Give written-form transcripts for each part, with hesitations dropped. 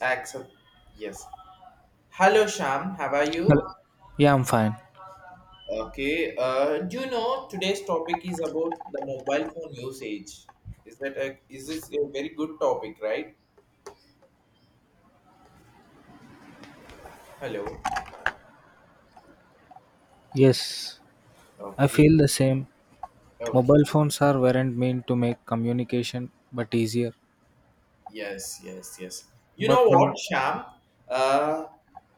Accept. Yes. Hello, Sham. How are Hello. you? Yeah, I'm fine. Okay. Do you know today's topic is about the mobile phone usage? Is this a very good topic, right? Hello. Yes, I Okay. feel the same. Mobile Okay. phones are weren't meant to make communication but easier. Yes, yes, yes. You But know now, what, Sham? Uh,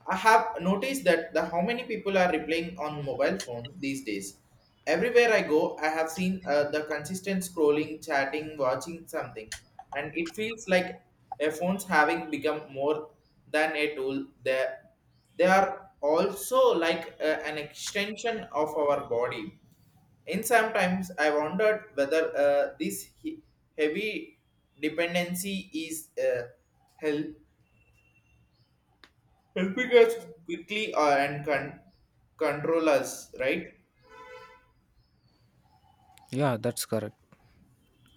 I have noticed that the how many people are replying on mobile phone these days. Everywhere I go, I have seen the consistent scrolling, chatting, watching something, and it feels like a phone's having become more than a tool. They are also like an extension of our body. In sometimes I wondered whether this heavy dependency is help- helping us quickly and control us, right? yeah, that's correct.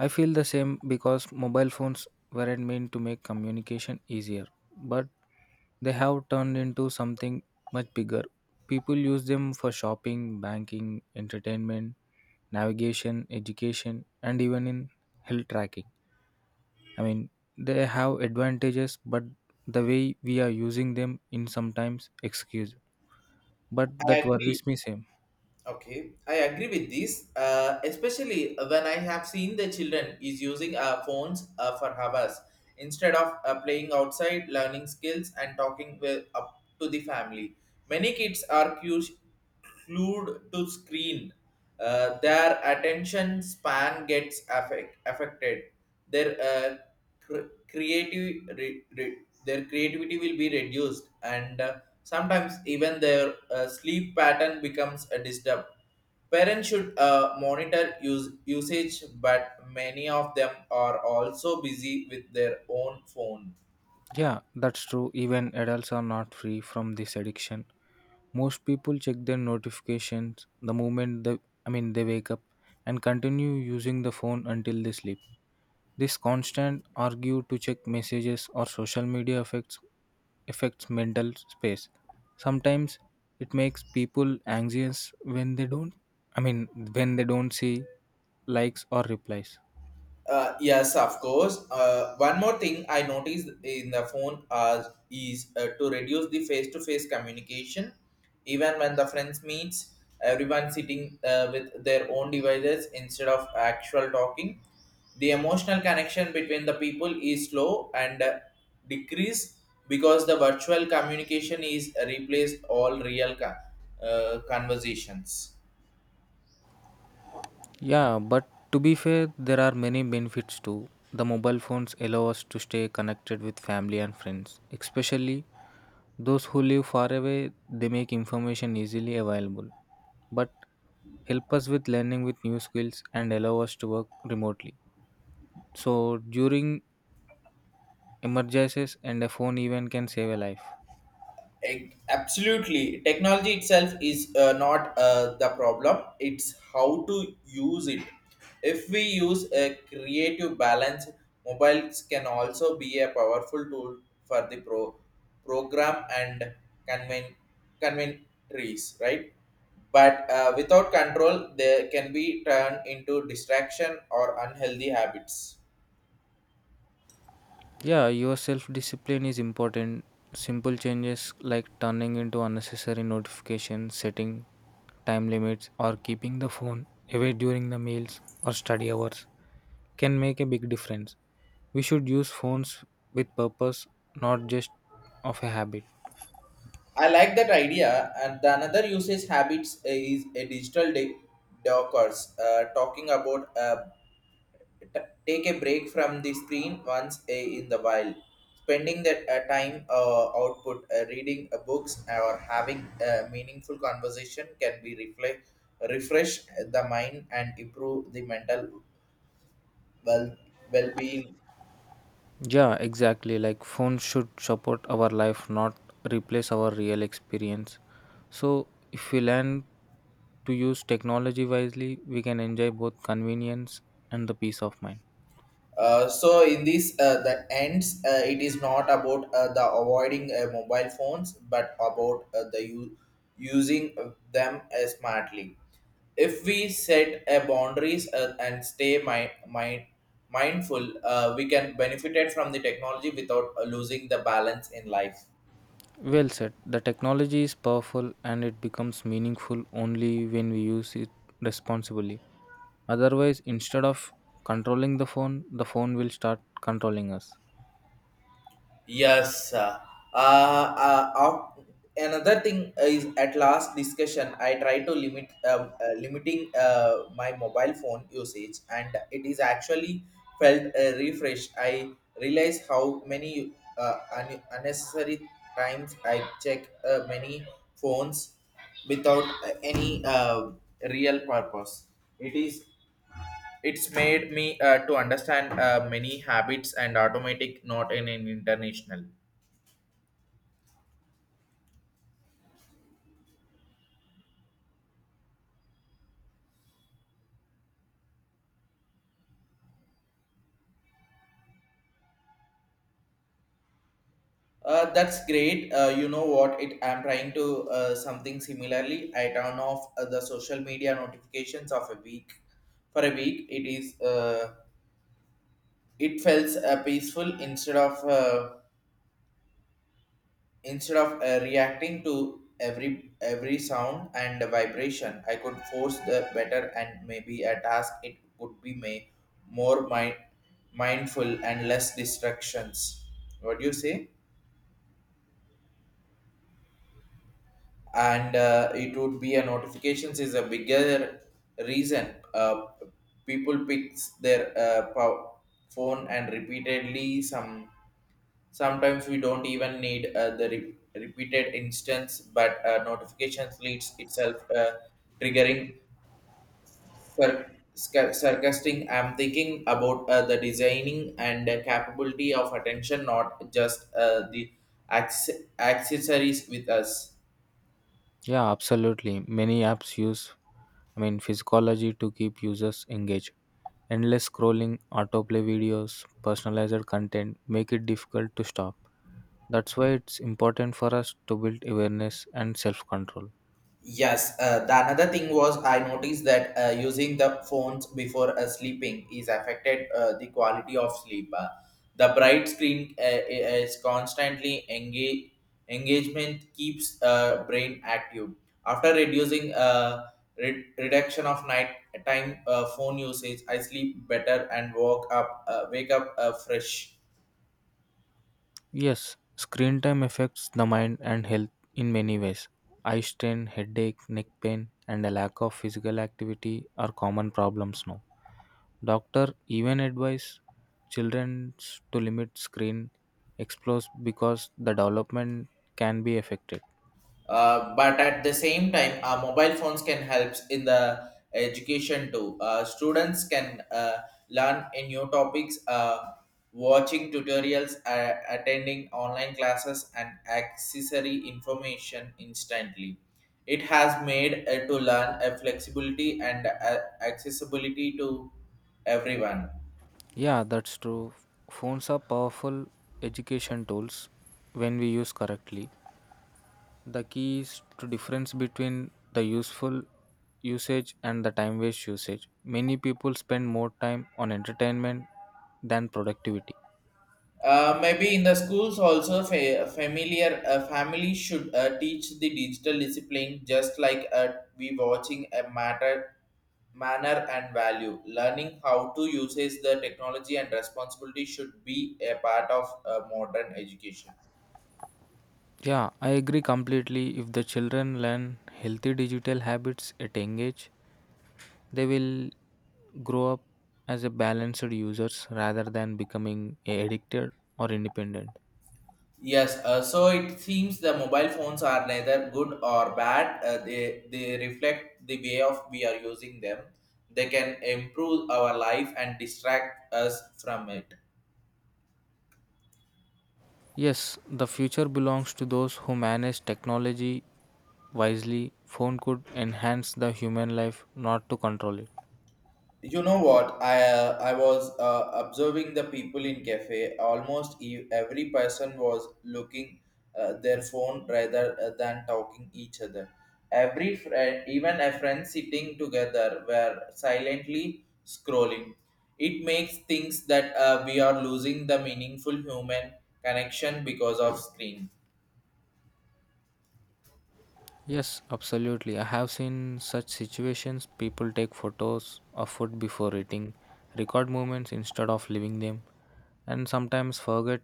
I feel the same because mobile phones weren't meant to make communication easier, but they have turned into something much bigger. People use them for shopping, banking, entertainment, navigation, education, and even in health tracking. I mean, they have advantages, but the way we are using them in sometimes excuse. But I that agree. worries me same. Okay, I agree with this, especially when I have seen the children is using phones for hours instead of playing outside, learning skills, and talking with, up to the family. Many kids are glued to screen. Their attention span gets affected their cr- creative re- re- their creativity will be reduced and sometimes even their sleep pattern becomes a disturb. Parents should monitor use usage, but many of them are also busy with their own phone. Yeah, that's true. Even adults are not free from this addiction. Most people check their notifications the moment they wake up and continue using the phone until they sleep. This constant argue to check messages or social media affects mental space. Sometimes it makes people anxious when they don't, I mean, when they don't see likes or replies. Yes, of course. One more thing I noticed in the phone is to reduce the face-to-face communication. Even when the friends meets, everyone sitting with their own devices instead of actual talking. The emotional connection between the people is slow and decrease because the virtual communication is replaced all real conversations. Yeah, but to be fair, there are many benefits too. The mobile phones allow us to stay connected with family and friends, especially those who live far away, they make information easily available, but help us with learning with new skills and allow us to work remotely. So during emergencies and a phone even can save a life. Absolutely. Technology itself is not the problem, it's how to use it. If we use a creative balance, mobiles can also be a powerful tool for the program and conven- convenience, right? But without control, they can be turned into distraction or unhealthy habits. Yeah, your self discipline is important. Simple changes like turning into unnecessary notifications, setting time limits, or keeping the phone away during the meals or study hours can make a big difference. We should use phones with purpose, not just of a habit. I like that idea, and the another usage habits is a digital dockers, talking about take a break from the screen in the while, spending that time output reading books or having a meaningful conversation can be reflect refresh the mind and improve the mental well well being. Yeah, exactly. Like phones should support our life, not replace our real experience. So if we learn to use technology wisely, we can enjoy both convenience and the peace of mind. So in this the ends it is not about the avoiding mobile phones but about the using them smartly. If we set a boundaries and stay mindful we can benefit from the technology without losing the balance in life. Well said. The technology is powerful and it becomes meaningful only when we use it responsibly. Otherwise, instead of controlling the phone will start controlling us. Yes. Uh, uh, Another thing is at last discussion, I try to limit limiting my mobile phone usage, and it is actually felt refreshed. I realize how many unnecessary times I check many phones without any real purpose. It is it's made me to understand many habits and automatic not in an international. That's great. You know what? It I'm trying to something similarly. I turn off the social media notifications of a week for a week. It feels peaceful instead of reacting to every sound and vibration. I could force the better and maybe a task. It would be may more mindful and less distractions. What do you say? And it would be a notifications is a bigger reason people picks their phone and repeatedly some sometimes we don't even need the repeated instance but notifications leads itself triggering for sarcastic I'm thinking about the designing and capability of attention not just the accessories with us. Yeah, absolutely. Many apps use, I mean, physiology to keep users engaged. Endless scrolling, autoplay videos, personalized content make it difficult to stop. That's why it's important for us to build awareness and self control. Yes, the another thing was I noticed that using the phones before sleeping is affected the quality of sleep. The bright screen is constantly engage engagement keeps brain active. After reducing reduction of night time phone usage, I sleep better and woke up wake up fresh. Yes, screen time affects the mind and health in many ways. Eye strain, headache, neck pain, and a lack of physical activity are common problems now. Doctor even advise children to limit screen explores because the development can be affected. But at the same time, mobile phones can help in the education too. Students can learn in new topics, watching tutorials, attending online classes, and accessory information instantly. It has made to learn a flexibility and accessibility to everyone. Yeah, that's true. Phones are powerful education tools when we use correctly. The key is to difference between the useful usage and the time waste usage. Many people spend more time on entertainment than productivity. Maybe in the schools also familiar family should teach the digital discipline just like we watching a matter manner and value learning how to uses the technology and responsibility should be a part of modern education. Yeah, I agree completely. If the children learn healthy digital habits at young age, they will grow up as a balanced users rather than becoming addicted or independent. Yes, so it seems the mobile phones are neither good or bad, they reflect the way of we are using them. They can improve our life and distract us from it. Yes, the future belongs to those who manage technology wisely. Phone could enhance the human life, not to control it. You know what? I was observing the people in cafe. Almost every person was looking their phone rather than talking each other. Every friend, even a friend sitting together, were silently scrolling. It makes things that we are losing the meaningful human connection because of screen. Yes, absolutely. I have seen such situations. People take photos of food before eating, record moments instead of leaving them, and sometimes forget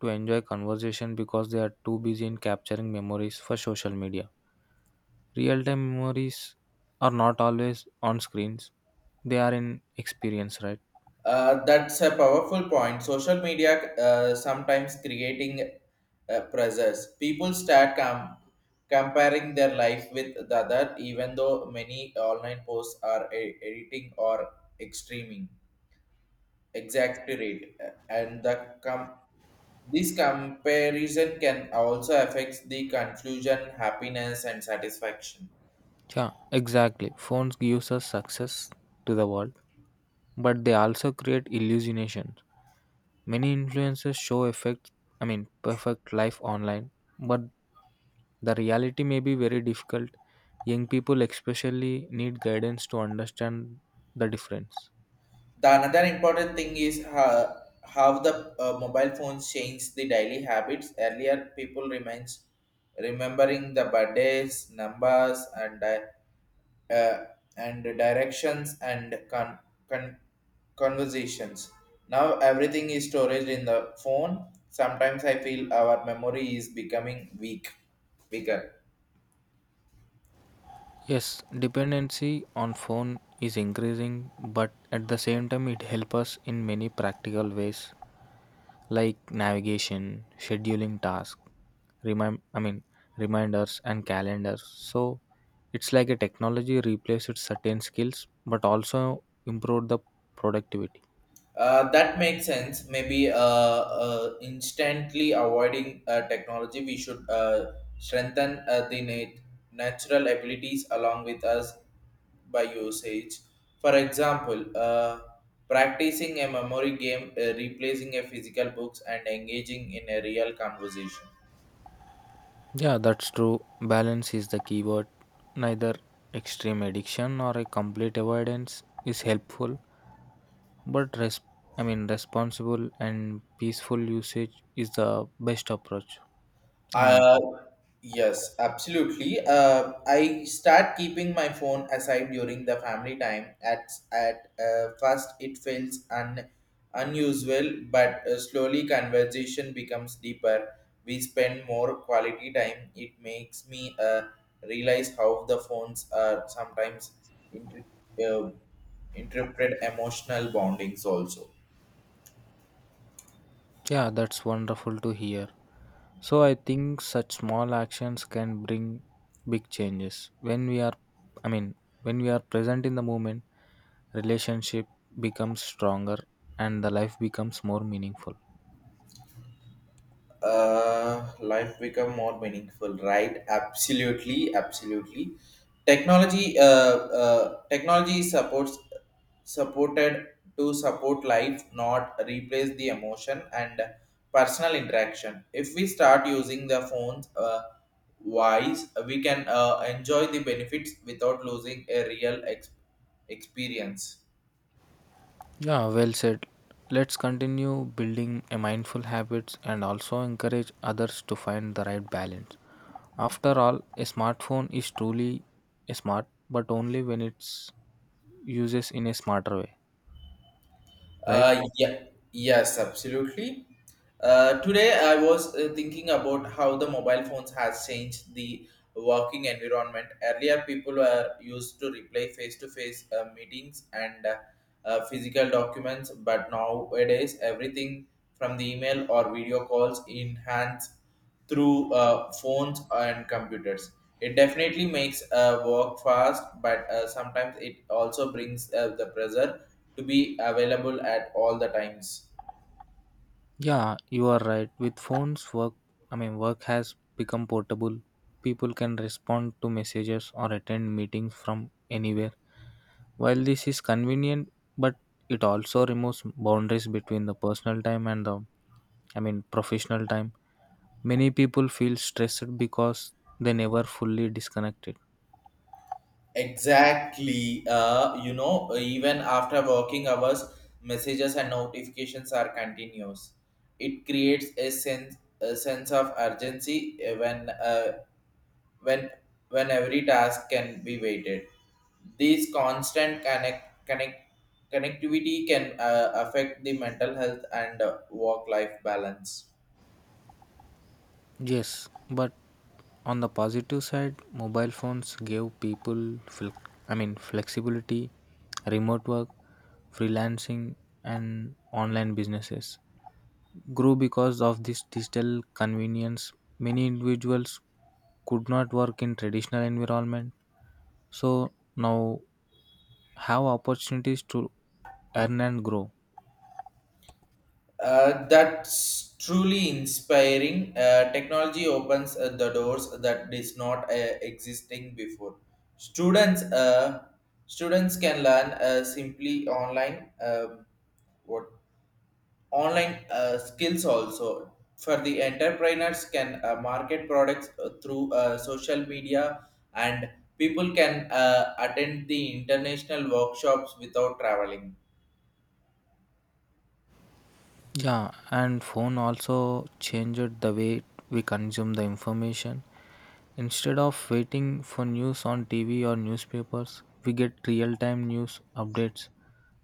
to enjoy conversation because they are too busy in capturing memories for social media. Real-time memories are not always on screens. They are in experience, right? That's a powerful point. Social media sometimes creating pressures. People start comparing their life with the other, even though many online posts are editing or extreming, exaggerate, and this comparison can also affect the confusion, happiness, and satisfaction. Yeah, exactly. Phones gives us success to the world, but they also create illusions. Many influencers show effect, I mean, perfect life online, but the reality may be very difficult. Young people, especially, need guidance to understand the difference. The another important thing is how the mobile phones change the daily habits earlier people remains remembering the birthdays numbers uh, and directions and con- conversations now everything is storage in the phone. Sometimes I feel our memory is becoming weaker. Yes, dependency on phone is increasing, but at the same time, it helps us in many practical ways. Like navigation, scheduling tasks, remind I mean reminders and calendars. So it's like a technology replaces certain skills but also improve the productivity. That makes sense. Maybe instantly avoiding technology, we should strengthen the natural abilities along with us by usage. For example, practicing a memory game, replacing a physical books, and engaging in a real conversation. Yeah, that's true. Balance is the keyword. Neither extreme addiction or a complete avoidance is helpful, but I mean responsible and peaceful usage is the best approach in my. Uh, yes, absolutely. I start keeping my phone aside during the family time. At first, it feels unusual, but slowly conversation becomes deeper. We spend more quality time. It makes me realize how the phones are sometimes inter- uh, interpret emotional bondings also. Yeah, that's wonderful to hear. So I think such small actions can bring big changes. When we are I mean, when we are present in the moment, relationship becomes stronger and the life becomes more meaningful. Life become more meaningful, right? Absolutely, absolutely. Technology supports supported to support life, not replace the emotion and personal interaction. If we start using the phones wise, we can enjoy the benefits without losing a real experience. Yeah, well said. Let's continue building a mindful habits and also encourage others to find the right balance. After all, a smartphone is truly a smart, but only when it's uses in a smarter way, right? Uh, yeah, yes, absolutely. Today, I was thinking about how the mobile phones has changed the working environment. Earlier, people were used to reply face-to-face meetings and physical documents, but nowadays, everything from the email or video calls in hands through phones and computers. It definitely makes work fast, but sometimes it also brings the pressure to be available at all the times. Yeah, you are right. With phones, work I mean work has become portable. People can respond to messages or attend meetings from anywhere. While this is convenient, but it also removes boundaries between the personal time and the I mean professional time. Many people feel stressed because they never fully disconnected. Exactly. You know, even after working hours, messages and notifications are continuous. It creates a sense of urgency when when every task can be weighted. These constant connectivity can affect the mental health and work-life balance. Yes, but on the positive side, mobile phones gave people I mean flexibility, remote work, freelancing and online businesses grew because of this digital convenience. Many individuals could not work in traditional environment so now have opportunities to earn and grow. That's truly inspiring. Technology opens the doors that is not existing before. Students, uh, Students can learn simply online. What online skills also for the entrepreneurs can market products through social media and people can attend the international workshops without traveling. Yeah, and phone also changed the way we consume the information. Instead of waiting for news on TV or newspapers, we get real-time news updates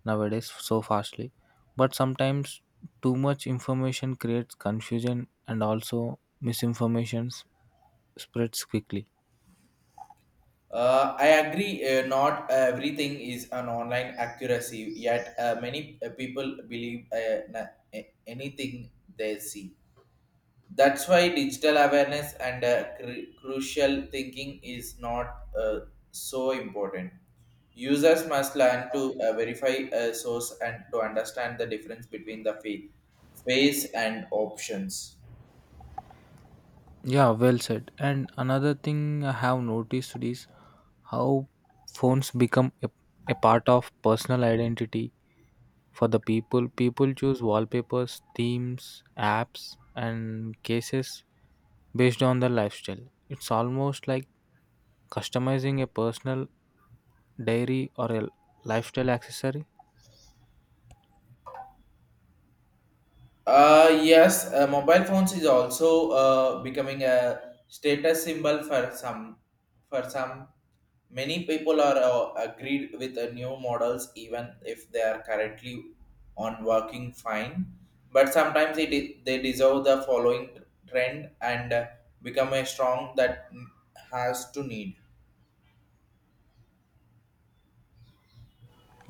nowadays so fastly. But sometimes too much information creates confusion and also misinformation spreads quickly. I agree, not everything is an online accuracy yet. Many people believe anything they see. That's why digital awareness and crucial thinking is not so important. Users must learn to verify a source and to understand the difference between the phase and options. Yeah, well said. And another thing I have noticed is how phones become a part of personal identity for the people. Choose wallpapers, themes, apps and cases based on their lifestyle. It's almost like customizing a personal diary or a lifestyle accessory. Yes, mobile phones is also becoming a status symbol for some. For some, many people are agreed with the new models, even if they are currently on working fine. But sometimes it is, they deserve the following trend and become a strong that has to need.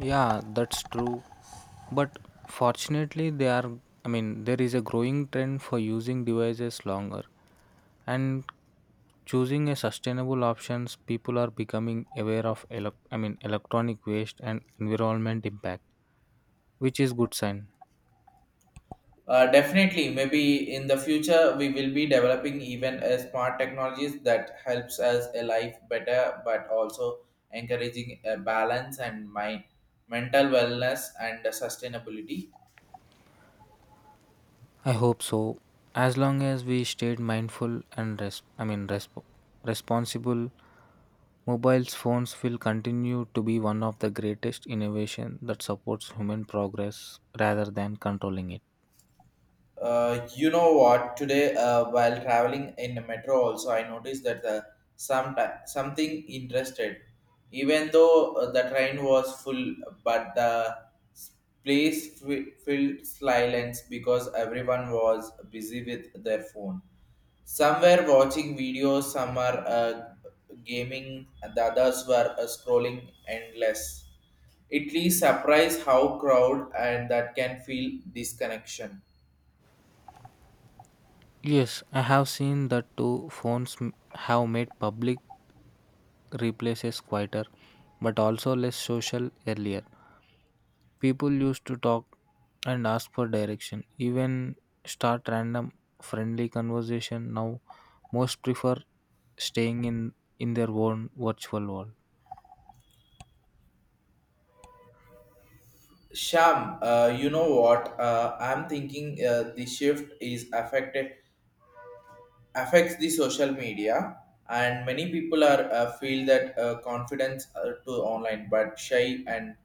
Yeah, that's true, but fortunately they are I mean there is a growing trend for using devices longer and choosing a sustainable options. People are becoming aware of I mean electronic waste and environment impact, which is good sign. Definitely, maybe in the future we will be developing even a smart technologies that helps us a life better, but also encouraging a balance and my mental wellness and sustainability. I hope so. As long as we stayed mindful and I mean responsible, mobiles phones will continue to be one of the greatest innovation that supports human progress rather than controlling it. You know what? Today, while traveling in the metro, also I noticed that the some something interested. Even though the train was full, but the s- place filled silence because everyone was busy with their phone. Some were watching videos, some are gaming, and the others were scrolling endless. Italy surprise how crowd and that can feel disconnection. Yes, I have seen that too. Have made public replaces quieter, but also less social earlier. People used to talk and ask for direction, even start random friendly conversation. Now, most prefer staying in their own virtual world. Sham, you know what? I'm thinking the shift is affected affects the social media, and many people are feel that confidence to online, but shy and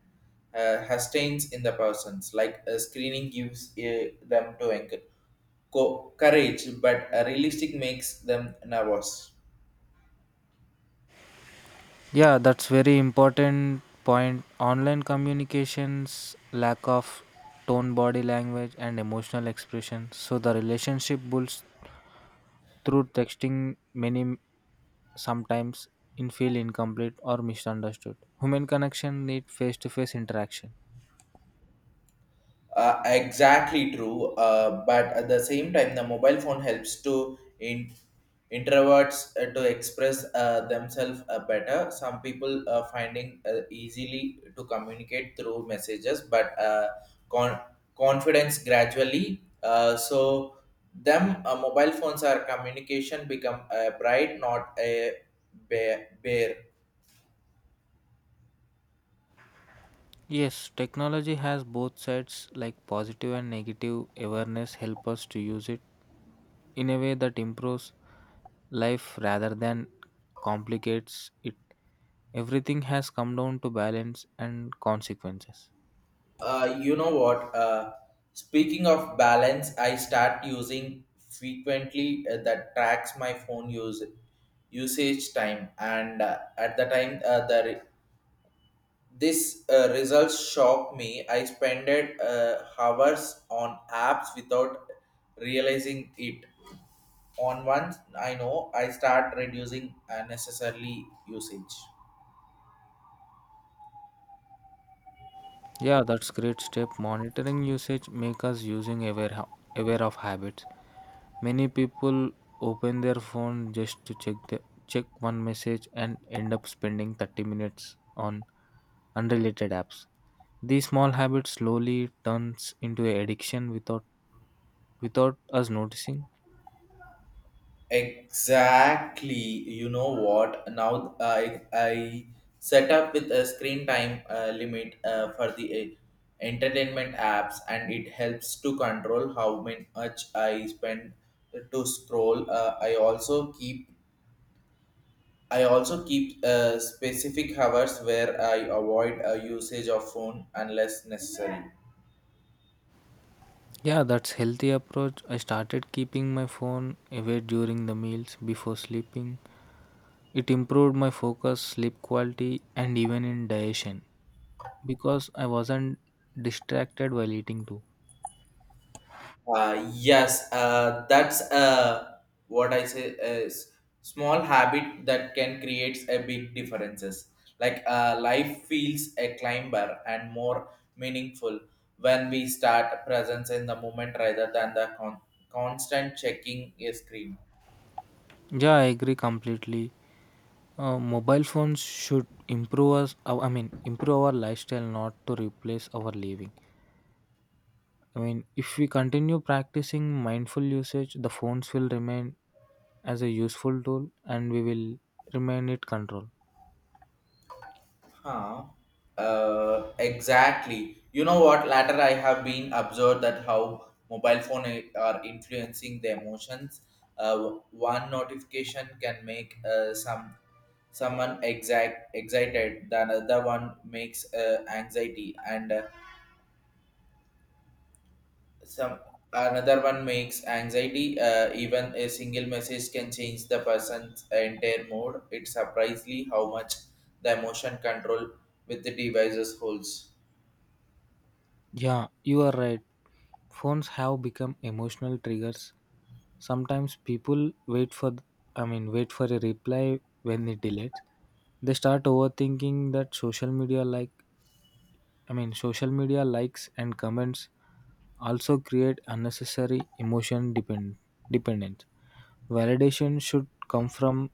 hesitates in the persons. Like screening gives them to anchor courage, but realistic makes them nervous. Yeah, that's very important point. Online communications, lack of tone, body language, and emotional expression. So the relationship builds through texting. Many sometimes in feel incomplete or misunderstood. Human connection need face to face interaction. Exactly true. But at the same time, the mobile phone helps to in introverts to express themselves better. Some people finding easily to communicate through messages, but con- confidence gradually. So them mobile phones are communication become a pride, not a bear. Yes, technology has both sides like positive and negative awareness help us to use it in a way that improves life rather than complicates it. Everything has come down to balance and consequences. You know what? Speaking of balance, I start using frequently that tracks my phone use usage time, and at the time this results shocked me. I spent hours on apps without realizing it. On once I know I start reducing unnecessarily usage. Yeah, that's great step. Monitoring usage make us using aware of habits. Many people open their phone just to check one message and end up spending 30 minutes on unrelated apps. These small habits slowly turns into an addiction without us noticing. Exactly. You know what? Now I set up with a screen time limit for the entertainment apps, and it helps to control how much I spend to scroll. I also keep specific hours where I avoid a usage of phone unless necessary. Yeah, that's healthy approach. I started keeping my phone away during the meals before sleeping. It improved my focus, sleep quality and even in digestion because I wasn't distracted while eating too. Yes, that's what I say is small habit that can create a big differences. Like life feels a climber and more meaningful when we start presence in the moment rather than the constant checking a screen. Yeah, I agree completely. Mobile phones should improve us. Improve our lifestyle, not to replace our living. I mean, if we continue practicing mindful usage, the phones will remain as a useful tool, and we will remain it control. Huh. Exactly. You know what? Later, I have been observed that how mobile phone are influencing the emotions. Uh, One notification can make some someone exact excited. The another one makes anxiety, and some another one makes anxiety. Even a single message can change the person's entire mood. It's surprisingly how much the emotion control with the devices holds. Yeah, you are right. Phones have become emotional triggers. Sometimes people wait for a reply when it delays. They start overthinking that social media social media likes and comments also create unnecessary emotion dependence. Validation should come from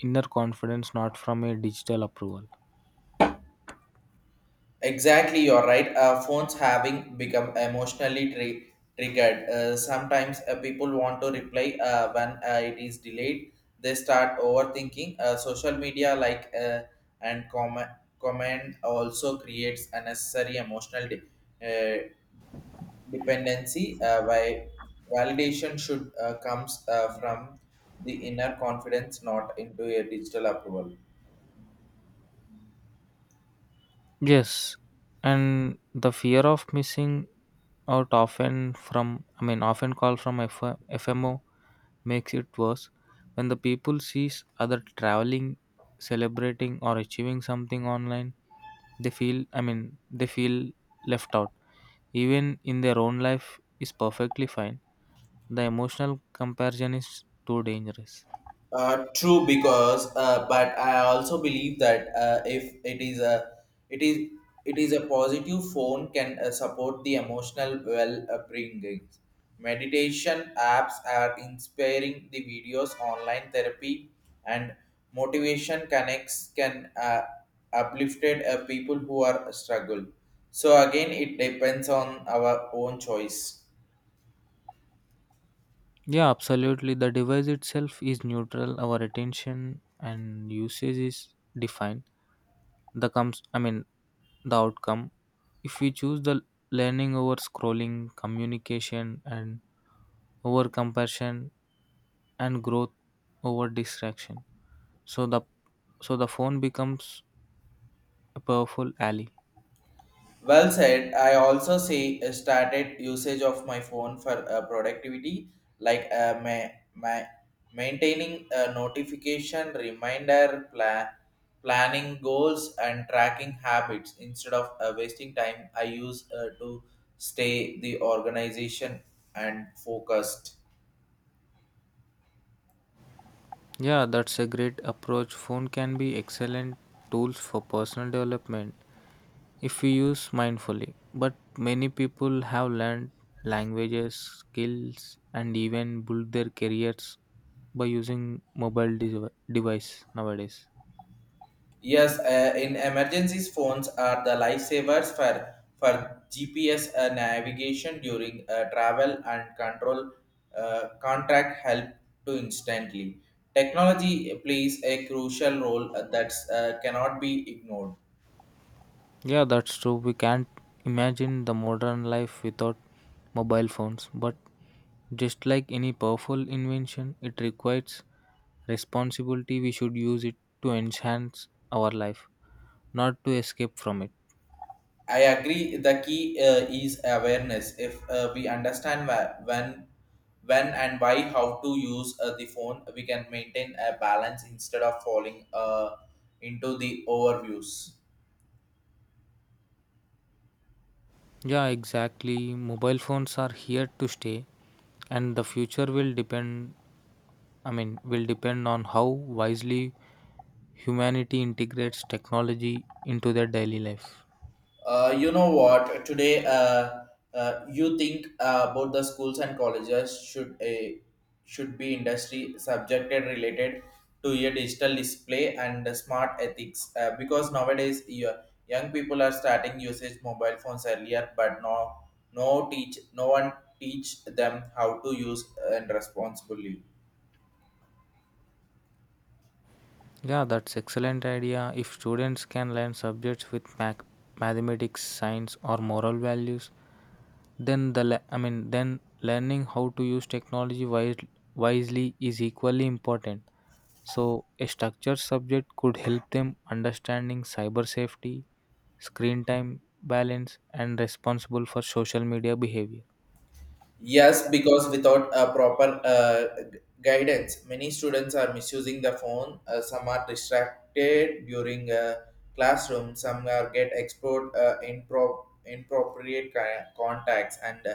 inner confidence, not from a digital approval. Exactly, you're right. Phones having become emotionally triggered. Sometimes people want to reply when it is delayed. They start overthinking. Social media like and comment also creates unnecessary emotional uh, dependency. Why validation should comes from the inner confidence, not into a digital approval. Yes, and the fear of missing out, often called from FMO, makes it worse when the people sees other traveling, celebrating or achieving something online. They feel left out even in their own life is perfectly fine. The emotional comparison is too dangerous. True, because but I also believe that if it is it is a positive phone can support the emotional well upbringing. Meditation apps are inspiring the videos, online therapy, and motivation connects can uplifted people who are struggle. So again, it depends on our own choice. Yeah, absolutely. The device itself is neutral. Our attention and usage is defined. The comes, I mean, The outcome. If we choose the learning over scrolling, communication, and over compassion and growth over distraction, so the so the phone becomes a powerful ally. Well said. I also see a started usage of my phone for productivity, like ma- maintaining a notification, reminder, planning goals, and tracking habits. Instead of wasting time, I use to stay the organization and focused. Yeah, that's a great approach. Phone can be excellent tools for personal development if we use mindfully. But many people have learned languages, skills, and even build their careers by using mobile device nowadays. Yes, in emergencies, phones are the lifesavers for GPS navigation during travel and control. Contract help to instantly. Technology plays a crucial role that cannot be ignored. Yeah, that's true. We can't imagine the modern life without mobile phones, but just like any powerful invention, it requires responsibility. We should use it to enhance our life, not to escape from it. I agree. The key is awareness. If we understand when and why, how to use the phone, we can maintain a balance instead of falling into the overviews. Yeah, exactly. Mobile phones are here to stay, and the future will depend on how wisely humanity integrates technology into their daily life. You know what? Today, you think about the schools and colleges should a should be industry subjected related to your digital display and smart ethics because nowadays your young people are starting usage mobile phones earlier, but no one teach them how to use and responsibly. Yeah, that's excellent idea. If students can learn subjects with mathematics, science, or moral values, then the le- I mean then learning how to use wisely is equally important. So a structured subject could help them understanding cyber safety, screen time balance, and responsible for social media behavior. Yes, because without a proper guidance, many students are misusing the phone. Some are distracted during classroom. Some are get exposed inappropriate contacts, and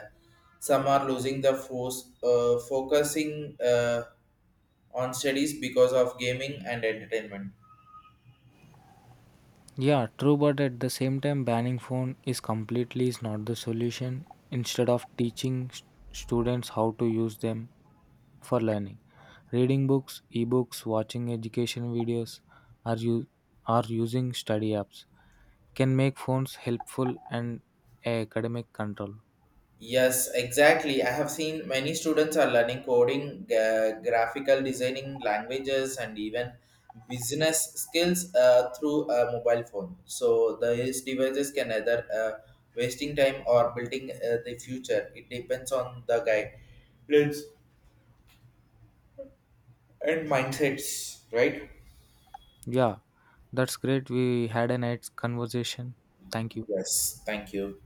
some are losing the force, focusing on studies because of gaming and entertainment. Yeah, true, but at the same time, banning phone is completely is not the solution. Instead of teaching students how to use them for learning, reading books, ebooks, watching education videos, or you are using study apps can make phones helpful and academic control. Yes, exactly. I have seen many students are learning coding, graphical designing, languages, and even business skills through a mobile phone. So these devices can either wasting time or building the future. It depends on the guidance and mindsets, right? Yeah, that's great. We had a nice conversation. Thank you. Yes. Thank you.